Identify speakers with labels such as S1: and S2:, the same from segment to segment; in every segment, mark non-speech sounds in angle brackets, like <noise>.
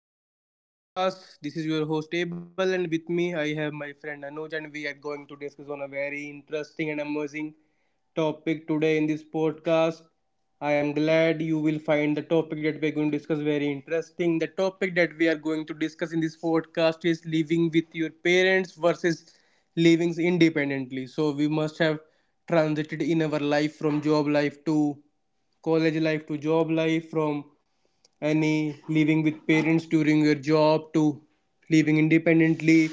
S1: Welcome back to our podcast. This is your host Abel, and with me, I have my friend Anuj, and we are going to discuss on a very interesting and amazing topic today in this podcast. I am glad you will find the topic that we are going to discuss very interesting. The topic that we are going to discuss in this podcast is living with your parents versus living independently. So we must have transited in our life from job life to college life to job life from any living with parents during your job to living independently,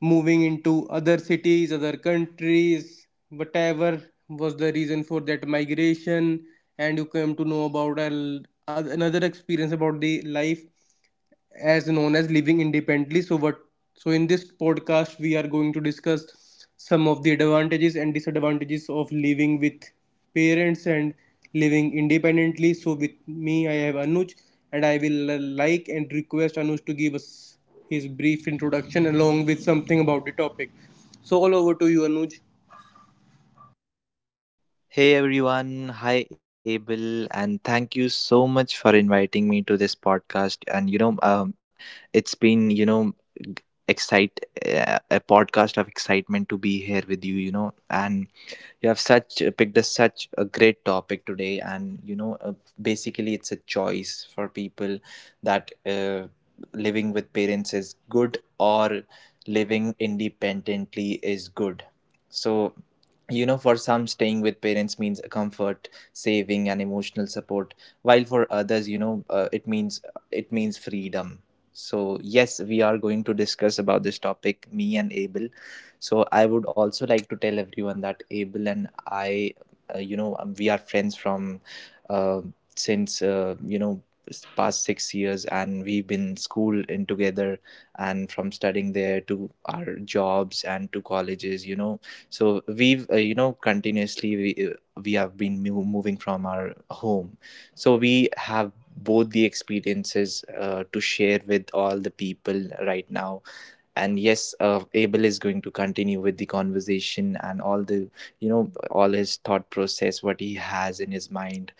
S1: moving into other cities, other countries, whatever was the reason for that migration, and you came to know about another experience about the life as known as living independently. So what, so in this podcast we are going to discuss some of the advantages and disadvantages of living with parents and living independently. So with me I have Anuj, and I will like and request Anuj to give us his brief introduction along with something about the topic. So all over to you, Anuj.
S2: Hey everyone, hi Abel, and thank you so much for inviting me to this podcast. It's been excite a podcast of excitement to be here with you. And you have such picked such a great topic today, and basically it's a choice for people that living with parents is good or living independently is good. So for some, staying with parents means a comfort, saving and emotional support, while for others, it means freedom. So yes, we are going to discuss about this topic, me and Abel. So I would also like to tell everyone that Abel and I, we are friends from uh, since past 6 years, and we've been school in together, and from studying there to our jobs and to colleges, you know. So we've you know continuously we have been moving from our home, so we have both the experiences to share with all the people right now. And yes, Abel is going to continue with the conversation and all the, you know, all his thought process, what he has in his mind,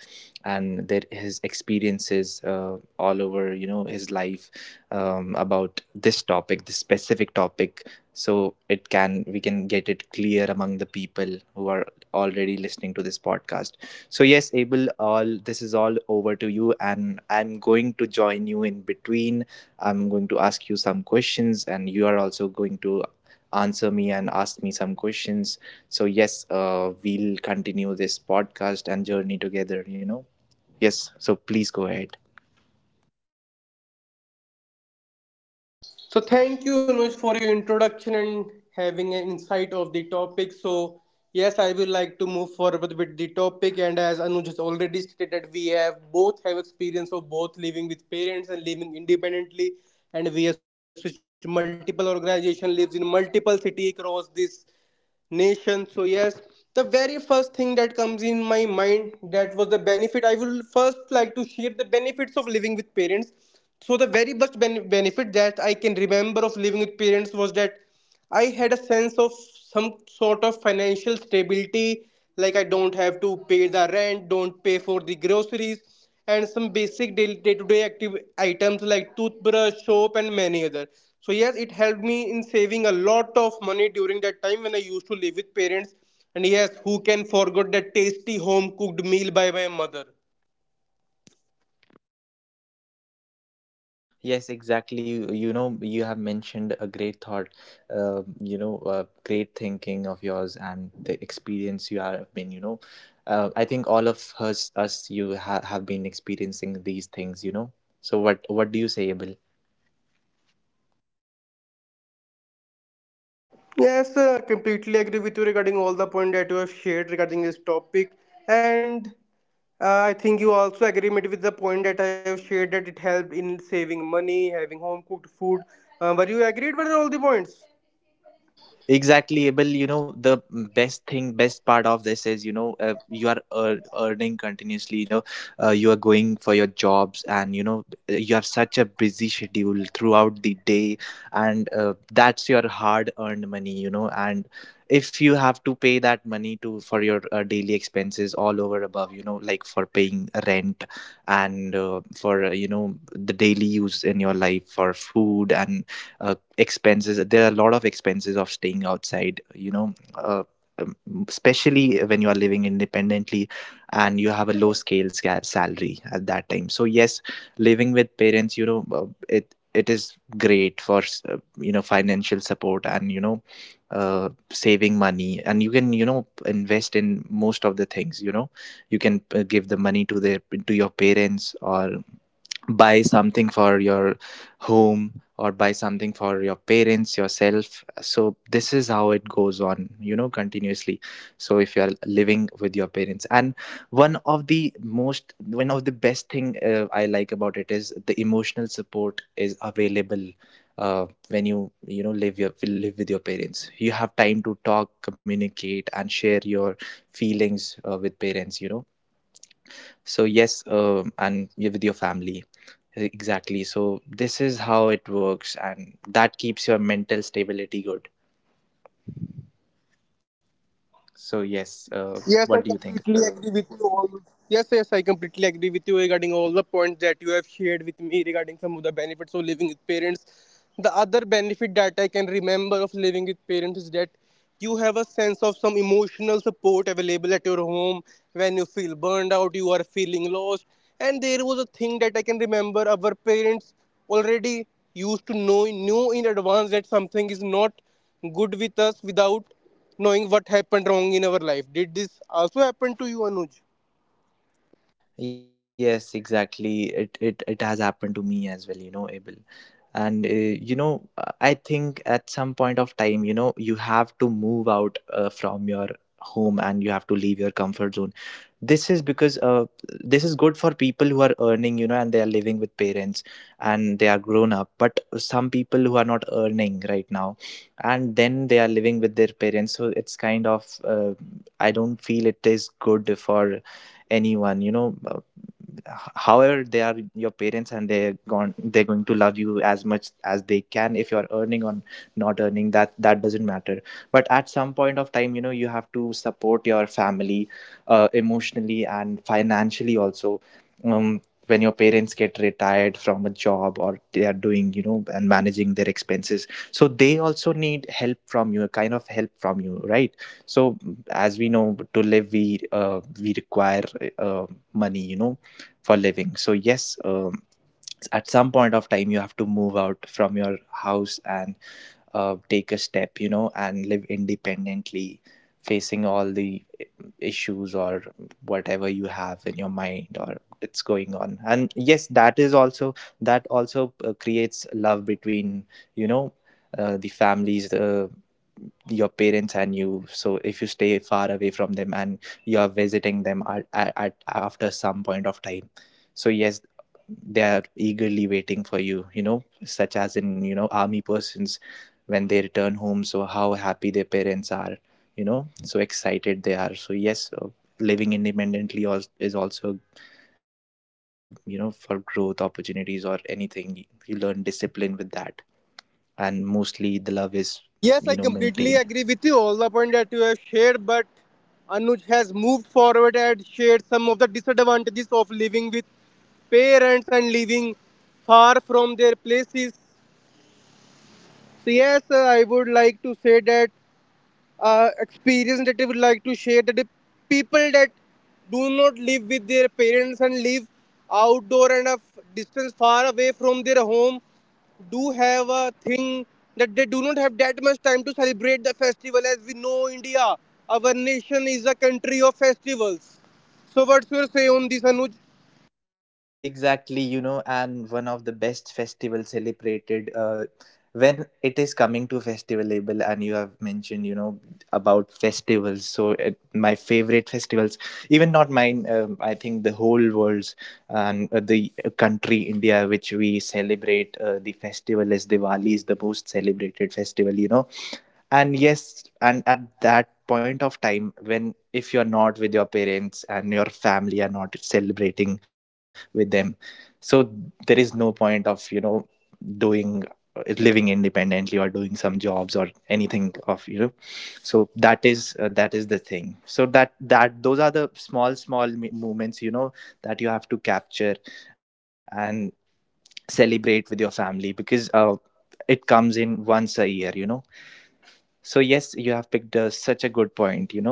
S2: and their his experiences all over, you know, his life, about this topic, this specific topic, so it can we can get it clear among the people who are already listening to this podcast. So yes, Abel, all this is all over to you, and I'm going to join you in between. I'm going to ask you some questions, and you are also going to answer me and ask me some questions. So yes, we'll continue this podcast and journey together, you know. Yes, so please go ahead.
S1: So thank you, Anuj, for your introduction and having an insight of the topic. So yes, I will like to move forward with the topic. And as Anuj has already stated, that we have both have experience of both living with parents and living independently, and we have switched multiple organization, lives in multiple city across this nation. So yes, the very first thing that comes in my mind, that was the benefit. I will first like to share the benefits of living with parents. So the very best benefit that I can remember of living with parents was that I had a sense of some sort of financial stability. Like, I don't have to pay the rent, don't for the groceries and some basic day to day active items like toothbrush, soap, and many other. So yes, it helped me in saving a lot of money during that time when I used to live with parents. And yes, who can forget that tasty home cooked meal by my mother?
S2: Yes, exactly. You know, you have mentioned a great thought, great thinking of yours and the experience have been, you know. I think all of us, you ha have been experiencing these things, you know. So what do you say, Abel?
S1: Yes, completely agree with you regarding all the point that you have shared regarding this topic, and I think you also agree with the point that I have shared that it helped in saving money, having home cooked food. Were you agreed with all the points?
S2: Exactly, Abel, you know, the best part of this is, you know, you are earning continuously, you know, you are going for your jobs, and you know, you have such a busy schedule throughout the day. And that's your hard earned money, you know. And if you have to pay that money to for your daily expenses all over above, you know, like for paying rent, and for you know, the daily use in your life for food and expenses. There are a lot of expenses of staying outside, you know, um, especially when you are living independently and you have a salary at that time. So yes, living with parents, you know, it is great for you know, financial support, and you know, saving money, and you can, you know, invest in most of the things, you know. You can give the money to their to your parents, or buy something for your home, or buy something for your parents yourself. So this is how it goes on, you know, continuously. So if you are living with your parents, and one of the best thing I like about it is the emotional support is available when you know, live with your parents. You have time to talk, communicate and share your feelings with parents, you know. So yes, and you're with your family. Exactly. So this is how it works, and that keeps your mental stability good. So yes,
S1: Yes,
S2: what
S1: I
S2: do you think?
S1: completely agree with you all. Yes, yes, I completely agree with you regarding all the points that you have shared with me regarding some of the benefits of living with parents. The other benefit that I can remember of living with parents is that you have a sense of some emotional support available home when you feel burned out, you are feeling lost. And there was a thing that I can remember, our parents already used to know in advance that something is not good with us without knowing what happened wrong in our life. Did this also happen to you, Anuj?
S2: Yes, exactly. It has happened to me as well, you know, Abel. And you know, I think at some point of time, you know, you have to move out from your home, and you have to leave your comfort zone. This is because this is good for people who are earning, you know, and they are living with parents and they are grown up. But some people who are not earning right now, and then they are living with their parents, so it's kind of I don't feel it is good for anyone, you know. However, they are your parents, and they're going to love you as much as they can. If you're earning or not earning, that doesn't matter. But at some point of time, you know, you have to support your family emotionally and financially also. um, when your parents get retired from a job, or they are doing, you know, and managing their expenses, so they also need help from you, a kind of help from you, right? So as we know, to live we require uh, money, you know, for living. So yes, at some point of time you have to move out from your house and take a step, you know, and live independently, facing all the issues or whatever you have in your mind or it's going on. And yes, that is also, that also creates love between, you know, the families, your parents and you. So if you stay far away from them, and you are visiting them at after some point of time, so yes, they are eagerly waiting for you, you know, such as in, you know, army persons, when they return home. So how happy their parents are, you know, so excited they are. So yes, living independently is also a good thing to, you know, for growth opportunities, or anything, you learn discipline with that, and mostly the love is,
S1: Yes,
S2: you
S1: I
S2: know,
S1: completely
S2: maintained.
S1: agree with you all the point that you have shared, but Anuj has moved forward and shared some of the disadvantages of living with parents and living far from their places. So yes, I would like to say that experience that I would like to share, that the people that do not live with their parents and live outdoor and a distance far away from their home do have a thing that they do not have that much time to celebrate the festival. As we know, India, our nation, is a country of festivals. So what's your say on this, Anuj?
S2: Exactly, you know, and one of the best festivals celebrated when it is coming to festivalable, and you have mentioned, you know, about festivals. So it, my favorite festivals, even not mine, I think the whole world's, and the country India, which we celebrate the festival as Diwali, is the most celebrated festival, you know. And yes, and at that point of time, when if you're not with your parents and your family are not celebrating with them, so there is no point of, you know, doing, living independently, or doing some jobs or anything of, you know. So that is the thing. So that those are the small moments, you know, that you have to capture and celebrate with your family, because it comes in once a year, you know. So yes, you have picked such a good point, you know.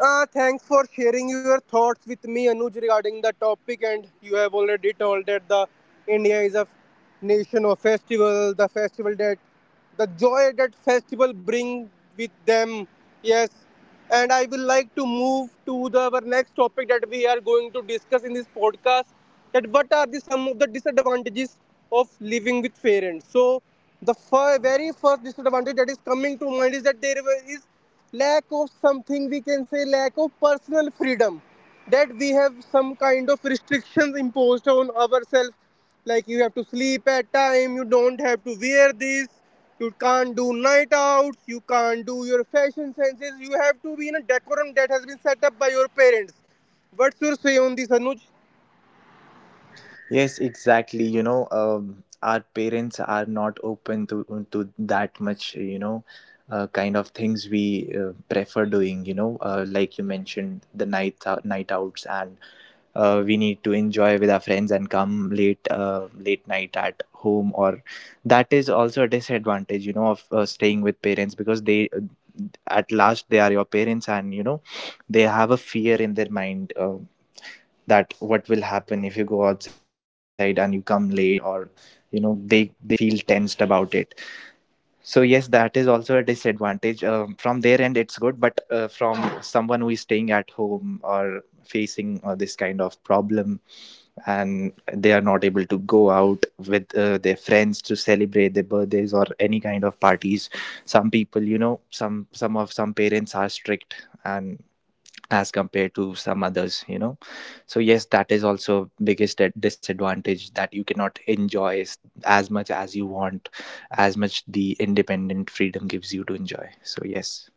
S1: Thanks for sharing your thoughts with me, Anuj, regarding the topic. And you have already told that the India is a nation of festival. The festival that, the joy that festival bring with them. Yes, and I will like to move to the our next topic that we are going to discuss in this podcast. That what are the some of the disadvantages of living with parents? So the very first disadvantage that is coming to mind is that there is lack of something, we can say lack of personal freedom, that we have some kind of restrictions imposed on ourselves. Like, you have to sleep at time, you don't have to wear this, you can't do night outs, you can't do your fashion senses, you have to be in a decorum that has been set up by your parents. What's your say on this, Anuj?
S2: Yes, exactly. You know, our parents are not open to that much, you know, kind of things we prefer doing, you know. Like you mentioned, the night outs, and we need to enjoy with our friends and come late night at home. Or that is also a disadvantage, you know, of staying with parents, because they, at last they are your parents, and you know, they have a fear in their mind. That what will happen if you go outside and you come late, or you know, they feel tensed about it. So yes, that is also a disadvantage. From their end it's good, but from someone who is staying at home or facing this kind of problem, and they are not able to go out with their friends to celebrate their birthdays or any kind of parties. Some people, you know, some parents are strict and as compared to some others, you know. So yes, that is also biggest disadvantage, that you cannot enjoy as much as you want, as much the independent freedom gives you to enjoy. So yes,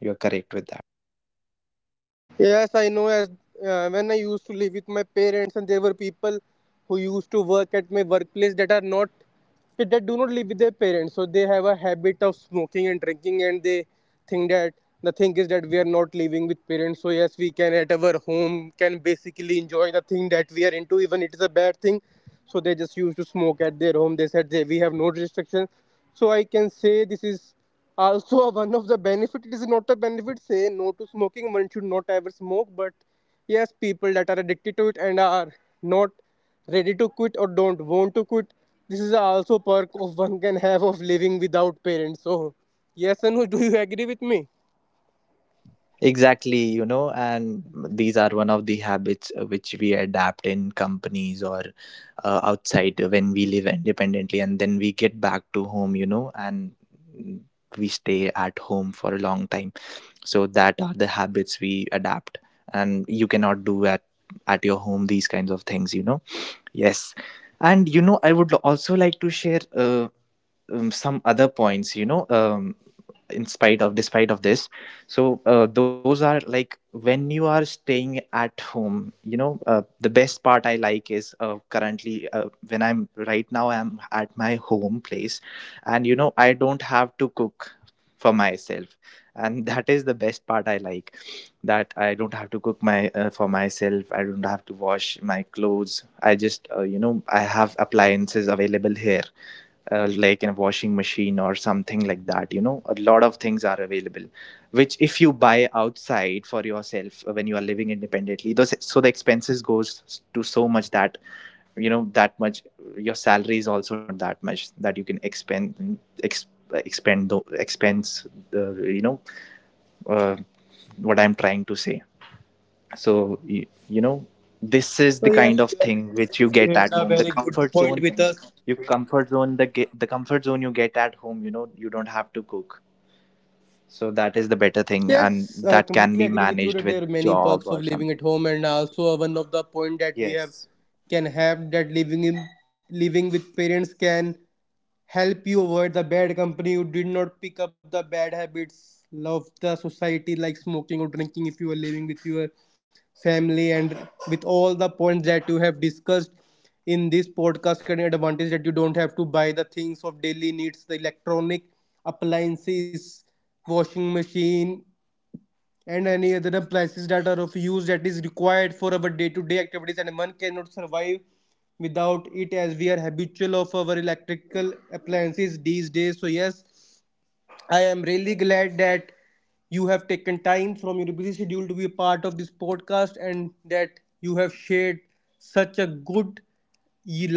S2: you're correct with that.
S1: Yes, I know. As when I used to live with my parents, and there were people who used to work at my workplace that are not that do not live with their parents, so they have a habit of smoking and drinking, and they think that the thing is that we are not living with parents, so yes, we can at our home can basically enjoy the thing that we are into, even it is a bad thing. So they just used to smoke at their home. They said they, we have no restrictions. So I can say this is also one of the benefit. It is not a benefit. Say no to smoking. One should not ever smoke. But yes, people that are addicted to it and are not ready to quit or don't want to quit, this is also perk of <laughs> one can have of living without parents. So yes, Anu, do you agree with me?
S2: Exactly, you know, and these are one of the habits which we adapt in companies, or outside when we live independently, and then we get back to home, you know, and we stay at home for a long time. So that are the habits we adapt, and you cannot do at your home these kinds of things, you know. Yes. And you know, I would also like to share, some other points, you know. In spite of Despite of this, so those are like, when you are staying at home, you know, the best part I like is, currently when I'm right now, I'm at my home place, and you know, I don't have to cook for myself, and <laughs> that is the best part I like, that I don't have to cook my for myself. I don't have to wash my clothes. I just, you know, I have appliances available here, like in a washing machine or something like that, you know, a lot of things are available which if you buy outside for yourself when you are living independently. Those so The expenses goes to so much that, you know, that much. Your salary is also not that much that you can expend ex, expend the expense the uh, what I'm trying to say. so you, you know this is the kind
S1: So
S2: of
S1: yes,
S2: thing
S1: you have
S2: which you get at home,
S1: shared
S2: the
S1: a very
S2: comfort
S1: good
S2: zone.
S1: point with
S2: You
S1: us.
S2: comfort zone the ge- The comfort zone you get at home, you know. You don't have to cook, so that is the better thing. And
S1: Yes, I
S2: that can
S1: completely
S2: be
S1: agree with you
S2: managed with
S1: that there are many
S2: job or
S1: perks of
S2: something.
S1: living at home, and also one of the point that we
S2: Yes,
S1: have can have, that living in, living with parents can help you avoid the bad company, you did not pick up the bad habits of the society like smoking or drinking if you are living with your family, and with all the points that you have discussed in this podcast, getting advantage that you don't have to buy the things of daily needs, the electronic appliances, washing machine, and any other appliances that are of use that is required for our day-to-day activities, and one cannot survive without it as we are habitual of our electrical appliances these days. So yes, I am really glad that you have taken time from your busy schedule to be a part of this podcast, and that you have shared such a good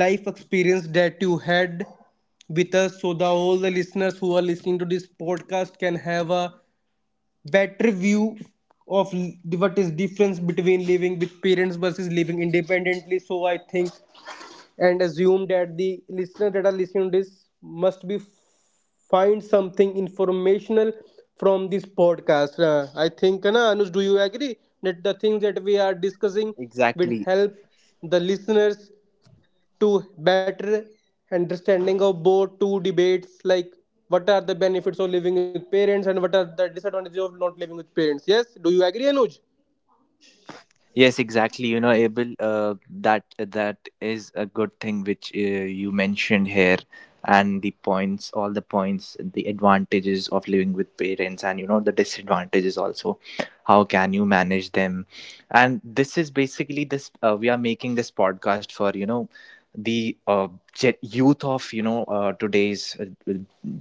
S1: life experience that you had with us, so that all the listeners who are listening to this podcast can have a better view of what is difference between living with parents versus living independently. So I think and assume that the listeners that are listening to this must be find something informational from this podcast. I think, Anush, do you agree that the things that we are discussing will
S2: exactly.
S1: help the listeners to better understanding of both two debates, like what are the benefits of living with parents and what are the disadvantages of not living with parents? Yes, do you agree, Anuj?
S2: Yes, exactly. You know, Abel, that is a good thing which you mentioned here, and the points, all the points, the advantages of living with parents, and you know, the disadvantages also. How can you manage them? And this is basically this. We are making this podcast for, you know, the uh, youth of, you know, today's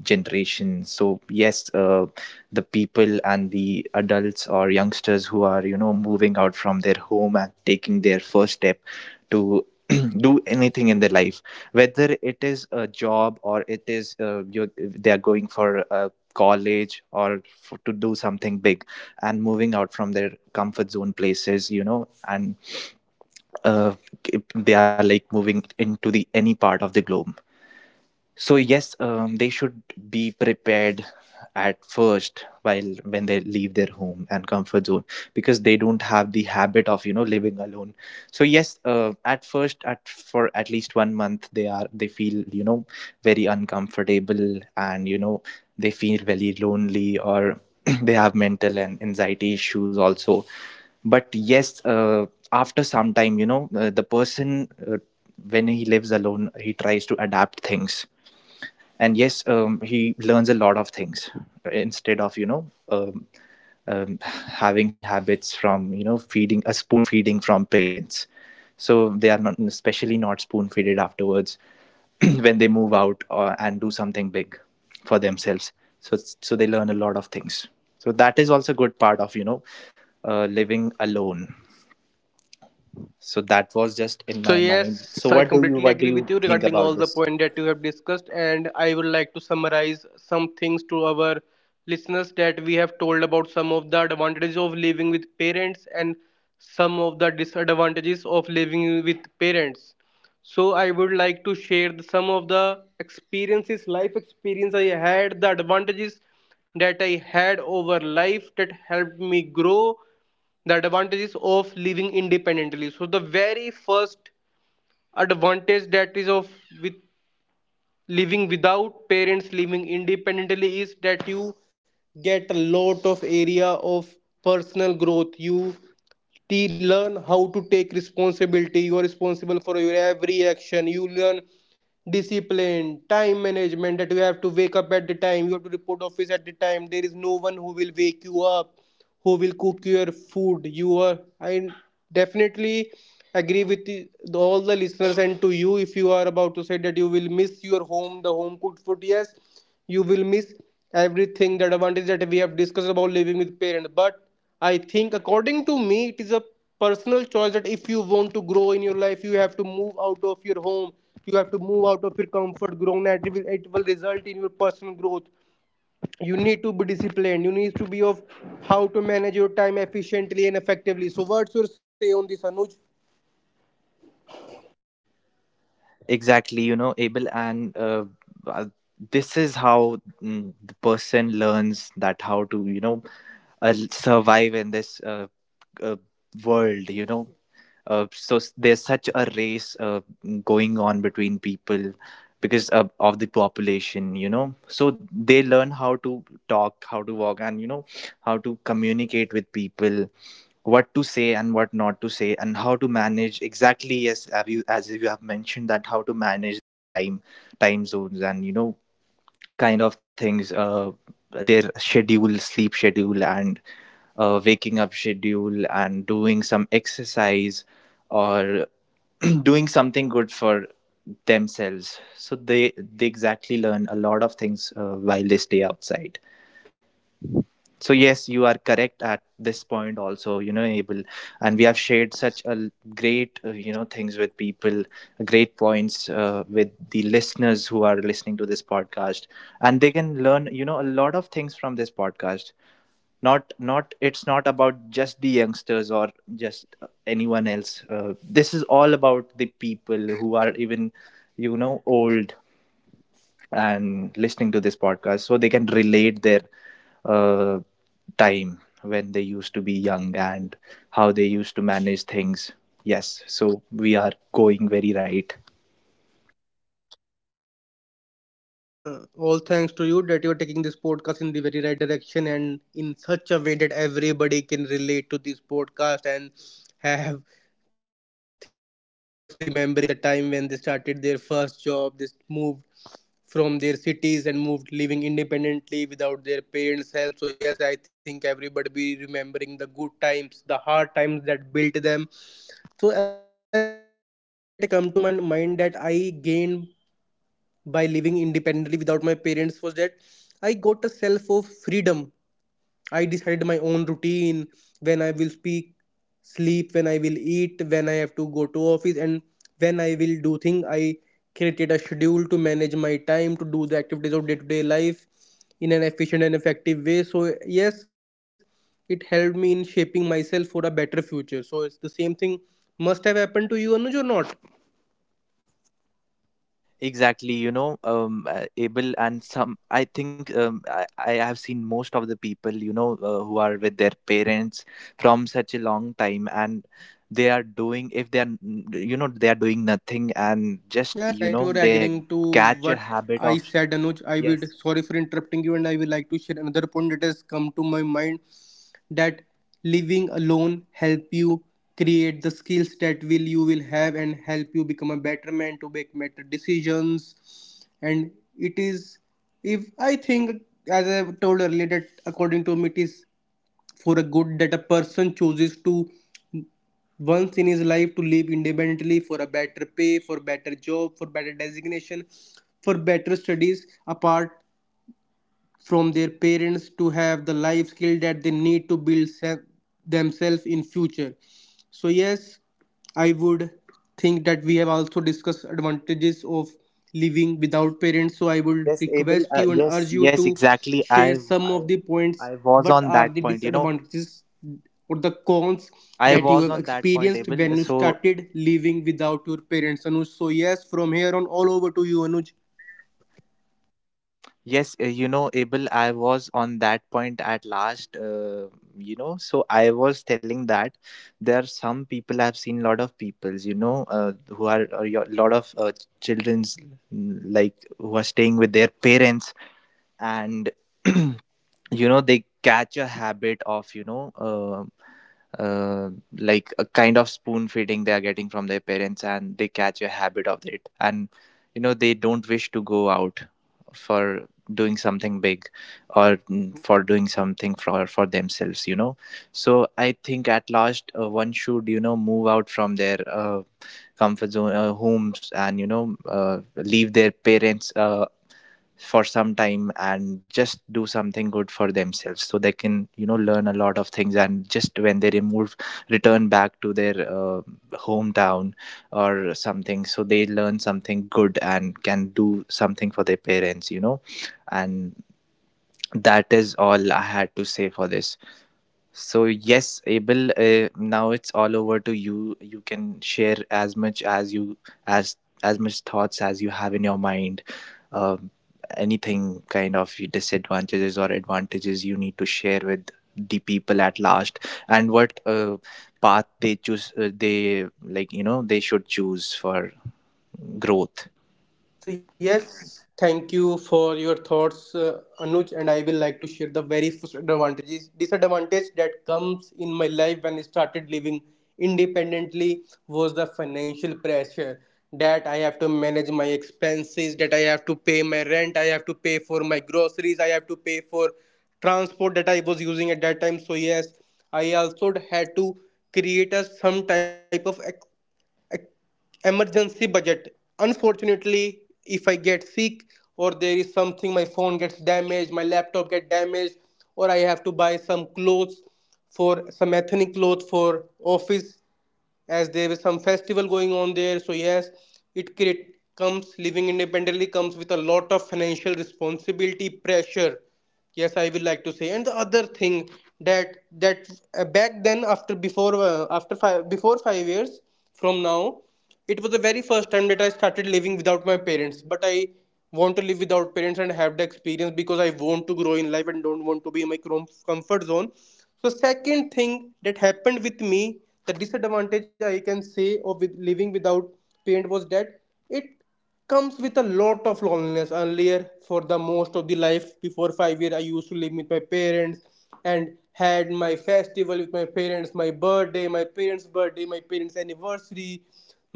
S2: generation. So yes, the people and the adults or youngsters who are, you know, moving out from their home and taking their first step to <clears throat> do anything in their life, whether it is a job or it is, they are going for a college or to do something big and moving out from their comfort zone places, you know. And uh, they are like moving into the any part of the globe. So yes, they should be prepared at first, while when they leave their home and comfort zone, because they don't have the habit of, you know, living alone. So yes, at first, at least 1 month, they feel, you know, very uncomfortable, and you know, they feel very lonely, or <clears throat> they have mental and anxiety issues also. But yes, after some time, you know, the person, when he lives alone, he tries to adapt things. And yes, he learns a lot of things instead of, you know, having habits from, you know, feeding a spoon, feeding from parents. So they are not, especially not, spoon feeded afterwards <clears throat> when they move out, and do something big for themselves. So they learn a lot of things. So that is also a good part of, you know, living alone. So that was just in
S1: So
S2: my mind. So
S1: yes, I completely
S2: what do
S1: agree
S2: you
S1: with you
S2: think
S1: regarding
S2: about
S1: all the
S2: this?
S1: point that you have discussed, and I would like to summarize some things to our listeners that we have told about some of the advantages of living with parents and some of the disadvantages of living with parents. So I would like to share some of the experiences, life experience I had, the advantages that I had over life that helped me grow, the advantages of living independently. So the very first advantage that is of with living without parents living independently is that you get a lot of area of personal growth. You learn how to take responsibility. You are responsible for your every action. You learn discipline, time management, that you have to wake up at the time, you have to report office at the time. There is no one who will wake you up, who will cook your food. You are I definitely agree with all the listeners and to you, if you are about to say that you will miss your home, the home cooked food. Yes, you will miss everything, the advantage that we have discussed about living with parents. But I think, according to me, it is a personal choice that if you want to grow in your life, you have to move out of your home. You have to move out of your comfort zone, and it will result in your personal growth. You need to be disciplined, you need to be of how to manage your time efficiently and effectively. So what's your say on this, Anuj?
S2: Exactly, you know, able and uh, this is how, the person learns that how to, you know, survive in this, uh, world, you know. There's such a race going on between people because of the population, you know. So they learn how to talk, how to walk, and you know, how to communicate with people, what to say and what not to say, and how to manage. Exactly, yes, have you as you have mentioned, that how to manage their time, time zones, and you know, kind of things, their schedule, sleep schedule, and waking up schedule, and doing some exercise, or <clears throat> doing something good for themselves. So they exactly learn a lot of things while they stay outside. So yes, you are correct at this point also, you know, able and we have shared such great, you know, things with people, great points, with the listeners who are listening to this podcast. And they can learn, you know, a lot of things from this podcast. Not it's not about just the youngsters or just anyone else. This is all about the people who are even, you know, old and listening to this podcast. So they can relate their uh, time when they used to be young and how they used to manage things. Yes, so we are going very right.
S1: Yes, all thanks to you that you're taking this podcast in the very right direction and in such a way that everybody can relate to this podcast and have think they must be remembering the time when they started their first job. They moved from their cities and moved living independently without their parents' help. So yes, I think everybody be remembering the good times, the hard times that built them. So another thing that come to my mind that I gained by living independently without my parents was that I got a self of I decided my own routine, when I will speak, sleep, when I will eat, when I have to go to office, and when I will do thing. I created a schedule to manage my time to do the activities of day to day life in an efficient and effective way. So yes, it helped me in shaping myself for a better future. So it's the same thing must have happened to you, Anuj, or not?
S2: Exactly, you know, able and some. I think, I have seen most of the people, you know, who are with their parents from such a long time, and they are doing, if they are, you know, they are doing nothing and
S1: Yes,
S2: just,
S1: thank you
S2: you
S1: for
S2: know,
S1: agreeing
S2: they
S1: to what
S2: catch
S1: I
S2: a
S1: said,
S2: habit
S1: Anuj.
S2: of.
S1: I would sorry for
S2: Yes.
S1: interrupting you, and I would like to share another point that has come to my mind that living alone help you create the skills that will you will have and help you become a better man to make better decisions. And it is, if I think, as I told earlier, that according to me it is for a good that a person chooses to once in his life to live independently, for a better pay, for better job, for better designation, for better studies apart from their parents, to have the life skill that they need to build themselves in future. So yes, I would think that we have also discussed advantages of living without parents, so I would
S2: Yes, Abel.
S1: request you and
S2: Yes,
S1: urge you
S2: yes,
S1: to
S2: exactly.
S1: share some of the points,
S2: I was
S1: what
S2: on
S1: are
S2: that
S1: the
S2: point. You know,
S1: disadvantages or the cons
S2: I
S1: that you
S2: was
S1: have
S2: on that point,
S1: experienced when
S2: Abel.
S1: you
S2: So
S1: started living without your parents, Anuj. So yes, from here on all over to you, Anuj.
S2: yes, you know, Abel, I was on that point at last. You know, so I was telling that there are some people, I've seen lot of peoples, you know, who are, a lot of childrens, like, who are staying with their parents and <clears throat> you know, they catch a habit of, you know, uh, like a kind of spoon feeding they are getting from their parents, and they catch a habit of it. And you know, they don't wish to go out for doing something big, or, for doing something for themselves, you know. So I think at last, one should, you know, move out from their comfort zone, homes, and you know, leave their parents for some time and just do something good for themselves, so they can, you know, learn a lot of things. And just when they remove return back to their hometown or something, so they learn something good and can do something for their parents, you know. And that is all I had to say for this. So yes, Abel. Now it's all over to you. You can share as much as you as as much thoughts as you have in your mind. Um, Anything, kind of disadvantages or advantages you need to share with the people at last, and what, path they choose. They, like, you know, they should choose for growth.
S1: So yes, thank you for your thoughts, Anuj, and I will like to share the first advantages, disadvantage that comes in my life when I started living independently was the financial pressure, that I have to manage my expenses, that I have to pay my rent, I have to pay for my groceries, I have to pay for transport that I was using at that time. So yes, I also had to create a some type of emergency budget unfortunately if I get sick, or there is something, my phone gets damaged, my laptop get damaged, or I have to buy some clothes, for some ethnic clothes for office as there is some festival going on there. So yes, it create comes living independently comes with a lot of financial responsibility pressure. Yes, I will like to say. And the other thing that back then after before after 5 before 5 years from now, it was the very first time that I started living without my parents, but I want to live without parents and have the experience because I want to grow in life and don't want to be in my comfort zone. So second thing that happened with me, the disadvantage I can say of with living without parent, was that it comes with a lot of loneliness. Earlier for the most of the life before 5 years, I used to live with my parents and had my festival with my parents, my birthday, my parents birthday, my parents anniversary,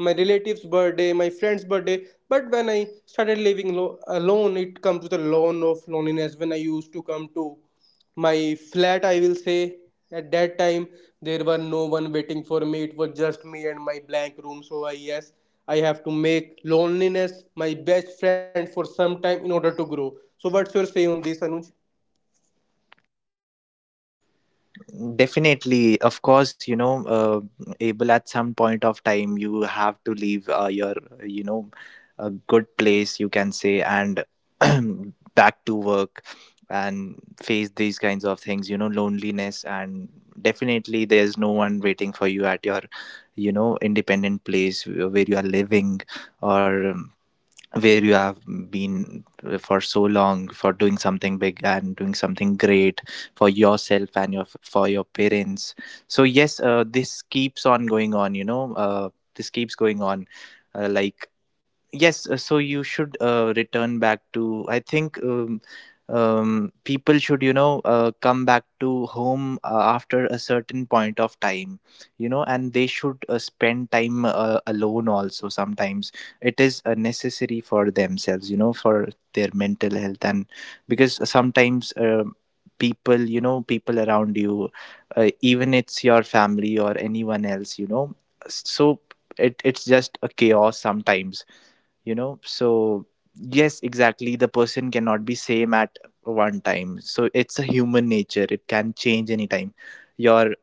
S1: my relatives birthday, my friends birthday. But when I started living alone, it comes with a lot of loneliness. When I used to come to my flat, I will say, at that time there were no one waiting for me. It was just me and my blank room. So I, yes, I have to make loneliness my best friend for some time in order to grow. So what's your say on this, Anuj?
S2: Definitely, of course, you know, Abel, at some point of time, you have to leave your, you know, a good place, you can say, and <clears throat> back to work and face these kinds of things, you know, loneliness. And definitely, there's no one waiting for you at your, you know, independent place where you are living, or where you have been for so long for doing something big and doing something great for yourself and your parents. So yes, this keeps on going on, you know. This keeps going on, like. Yes, so you should return back to, I think, people should, you know, come back to home after a certain point of time, you know, and they should spend time alone also sometimes. It is necessary for themselves, you know, for their mental health. And because sometimes, people, you know, people around you, even it's your family or anyone else, you know. So it's just a chaos sometimes, you know. So yes, exactly, the person cannot be same at one time. So it's a human nature, it can change anytime. Your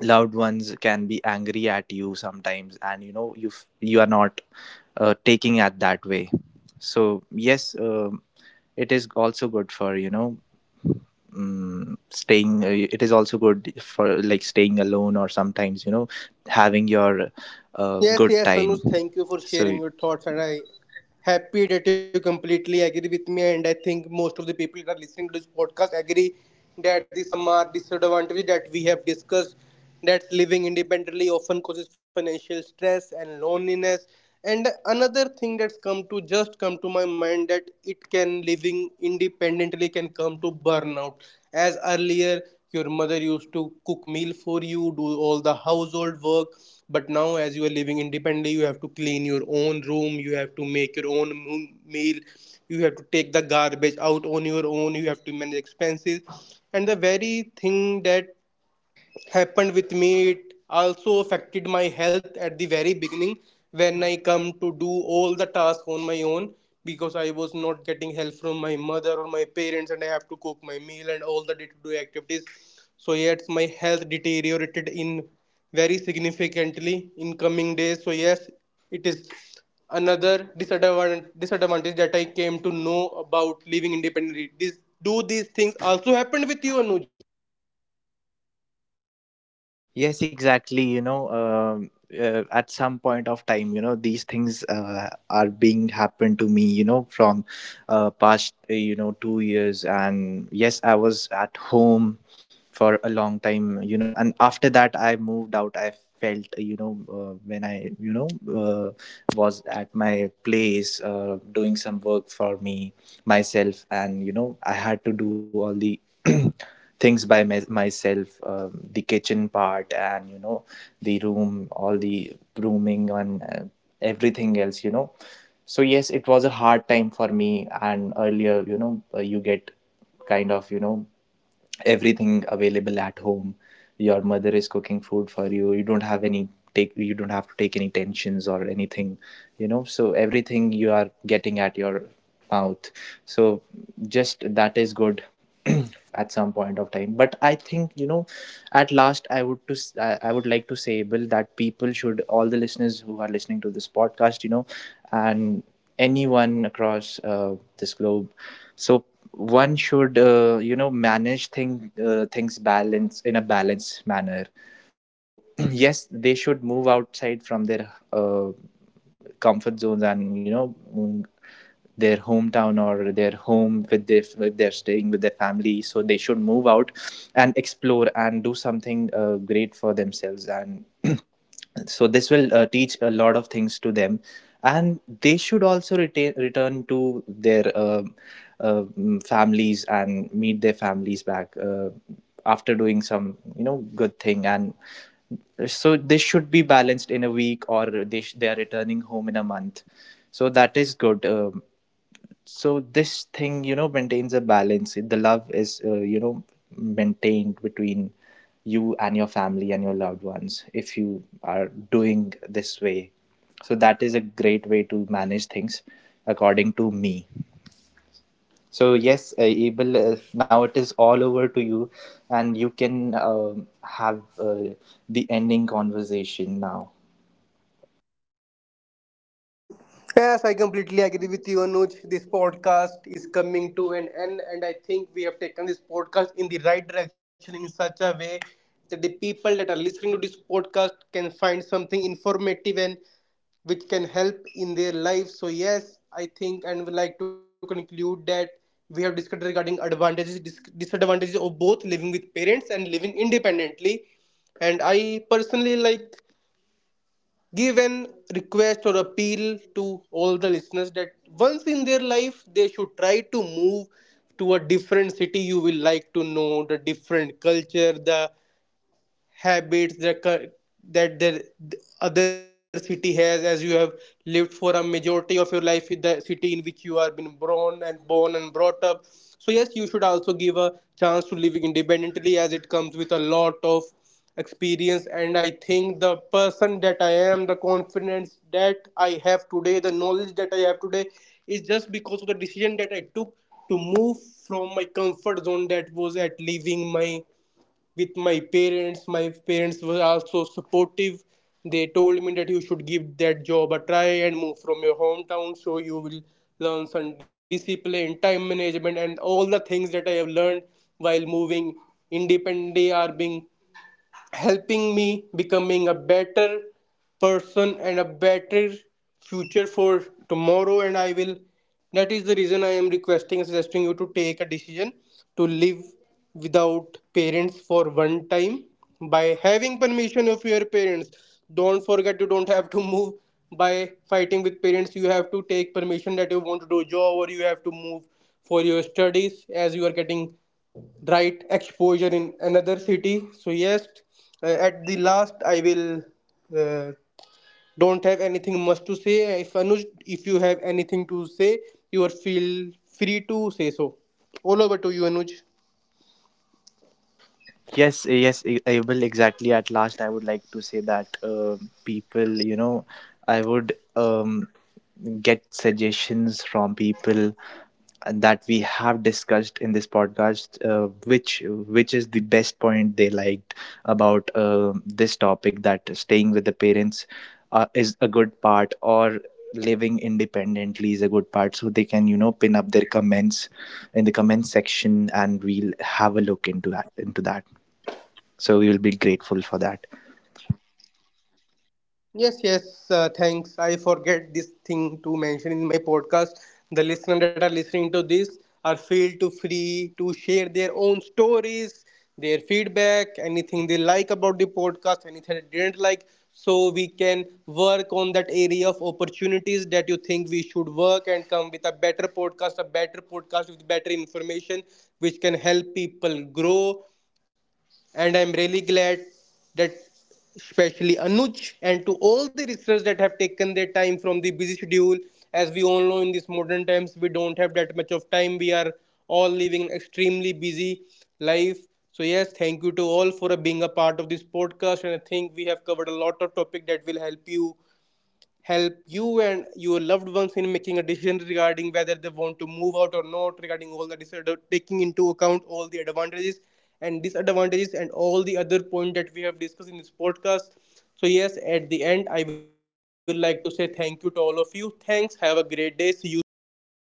S2: loved ones can be angry at you sometimes, and you know, you are not taking at that way. So yes, it is also good for, you know, staying, it is also good for, like, staying alone, or sometimes, you know, having your
S1: Yes,
S2: good
S1: yes, Anuj,
S2: time.
S1: thank you for
S2: So
S1: sharing your thoughts, and I happy that you completely agree with me. And I think most of the people that are listening to this podcast agree that the some are disadvantages that we have discussed, that living independently often causes financial stress and loneliness. And another thing that's come to just come to my mind that it can living independently can come to burnout. As earlier, your mother used to cook meal for you, do all the household work, but now as you are living independently, you have to clean your own room, you have to make your own meal, you have to take the garbage out on your own, you have to manage expenses. And the very thing that happened with me, it also affected my health at the very beginning when I come to do all the tasks on my own, because I was not getting help from my mother or my parents, and I have to cook my meal and all the day-to-day activities. So yes, my health deteriorated in very significantly in coming days. So yes, it is another disadvantage that I came to know about living independently. This, do these things also happened with you, Anuj?
S2: Yes, exactly. You know, at some point of time, you know, these things are being happened to me, you know, from past, you know, 2 years. And yes, I was at home for a long time, you know, and after that, I moved out. I felt, you know, when I, you know, uh, was at my place, doing some work for me, myself, and, you know, I had to do all the <clears throat> things by myself, the kitchen part, and you know, the room, all the grooming, and everything else, you know. So yes, it was a hard time for me. And earlier, you know, you get kind of, you know, everything available at home. Your mother is cooking food for you, you don't have any take, you don't have to take any tensions or anything, you know. So everything you are getting at your mouth. So just that is good <clears throat> at some point of time. But I think, you know, at last, I would like to say, bill, that people should, all the listeners who are listening to this podcast, you know, and anyone across this globe. So one should, you know, manage things balance in a balanced manner. So <clears throat> yes, they should move outside from their comfort zones, and you know, their hometown or their home with their, if they're staying with their family, so they should move out and explore and do something great for themselves. And <clears throat> so this will teach a lot of things to them. And they should also return to their families and meet their families back after doing some, you know, good thing. And so they should be balanced in a week, or they are returning home in a month. So that is good. So this thing, you know, maintains a balance, the love is, you know, maintained between you and your family and your loved ones if you are doing this way. So that is a great way to manage things, according to me. So yes, Abel, now it is all over to you. And you can, have the ending conversation now.
S1: Yes, I completely agree with you, Anuj. This podcast is coming to an end, and I think we have taken this podcast in the right direction in such a way that the people that are listening to this podcast can find something informative and which can help in their life. So, yes, I think and would like to conclude that we have discussed regarding advantages, disadvantages of both living with parents and living independently. And I personally like give an request or appeal to all the listeners that once in their life they should try to move to a different city. You will like to know the different culture, the habits that that the other city has, as you have lived for a majority of your life in the city in which you are been born and brought up. So yes, you should also give a chance to living independently, as it comes with a lot of experience. And I think the person that I am, the confidence that I have today, the knowledge that I have today is just because of the decision that I took to move from my comfort zone, that was at leaving my with my parents. My parents were also supportive. They told me that you should give that job a try and move from your hometown, so you will learn some discipline, time management, and all the things that I have learned while moving independently are being helping me becoming a better person and a better future for tomorrow. And I will, that is the reason I am requesting and suggesting you to take a decision to live without parents for one time, by having permission of your parents. Don't forget, you don't have to move by fighting with parents. You have to take permission that you want to do job, or you have to move for your studies, as you are getting right exposure in another city. So yes, at the last I will uh, don't have anything much to say. If Anuj, if you have anything to say, you are feel free to say. So all over to you, Anuj.
S2: Yes, yes, eh, I will, exactly. At last, I would like to say that, people, you know, I would, get suggestions from people that we have discussed in this podcast, which is the best point they liked about this topic, that staying with the parents is a good part, or living independently is a good part. So they can, you know, pin up their comments in the comment section, and we'll have a look into that. So we will be grateful for that.
S1: Yes, yes, thanks. I forget this thing to mention in my podcast. The listeners that are listening to this are feel to free to share their own stories, their feedback, anything they like about the podcast, anything they didn't like, so we can work on that area of opportunities that you think we should work and come with a better podcast with better information, which can help people grow. And I'm really glad that especially Anuj and to all the researchers that have taken their time from the busy schedule. As we all know, in these modern times, we don't have that much of time. We are all living an extremely busy life. So yes, thank you to all for being a part of this podcast, and I think we have covered a lot of topic that will help you and your loved ones in making a decision regarding whether they want to move out or not, regarding all the disorder, taking into account all the advantages and disadvantages and all the other points that we have discussed in this podcast. So yes, at the end I will like to say thank you to all of you. Thanks, have a great day, see you soon guys, bye bye.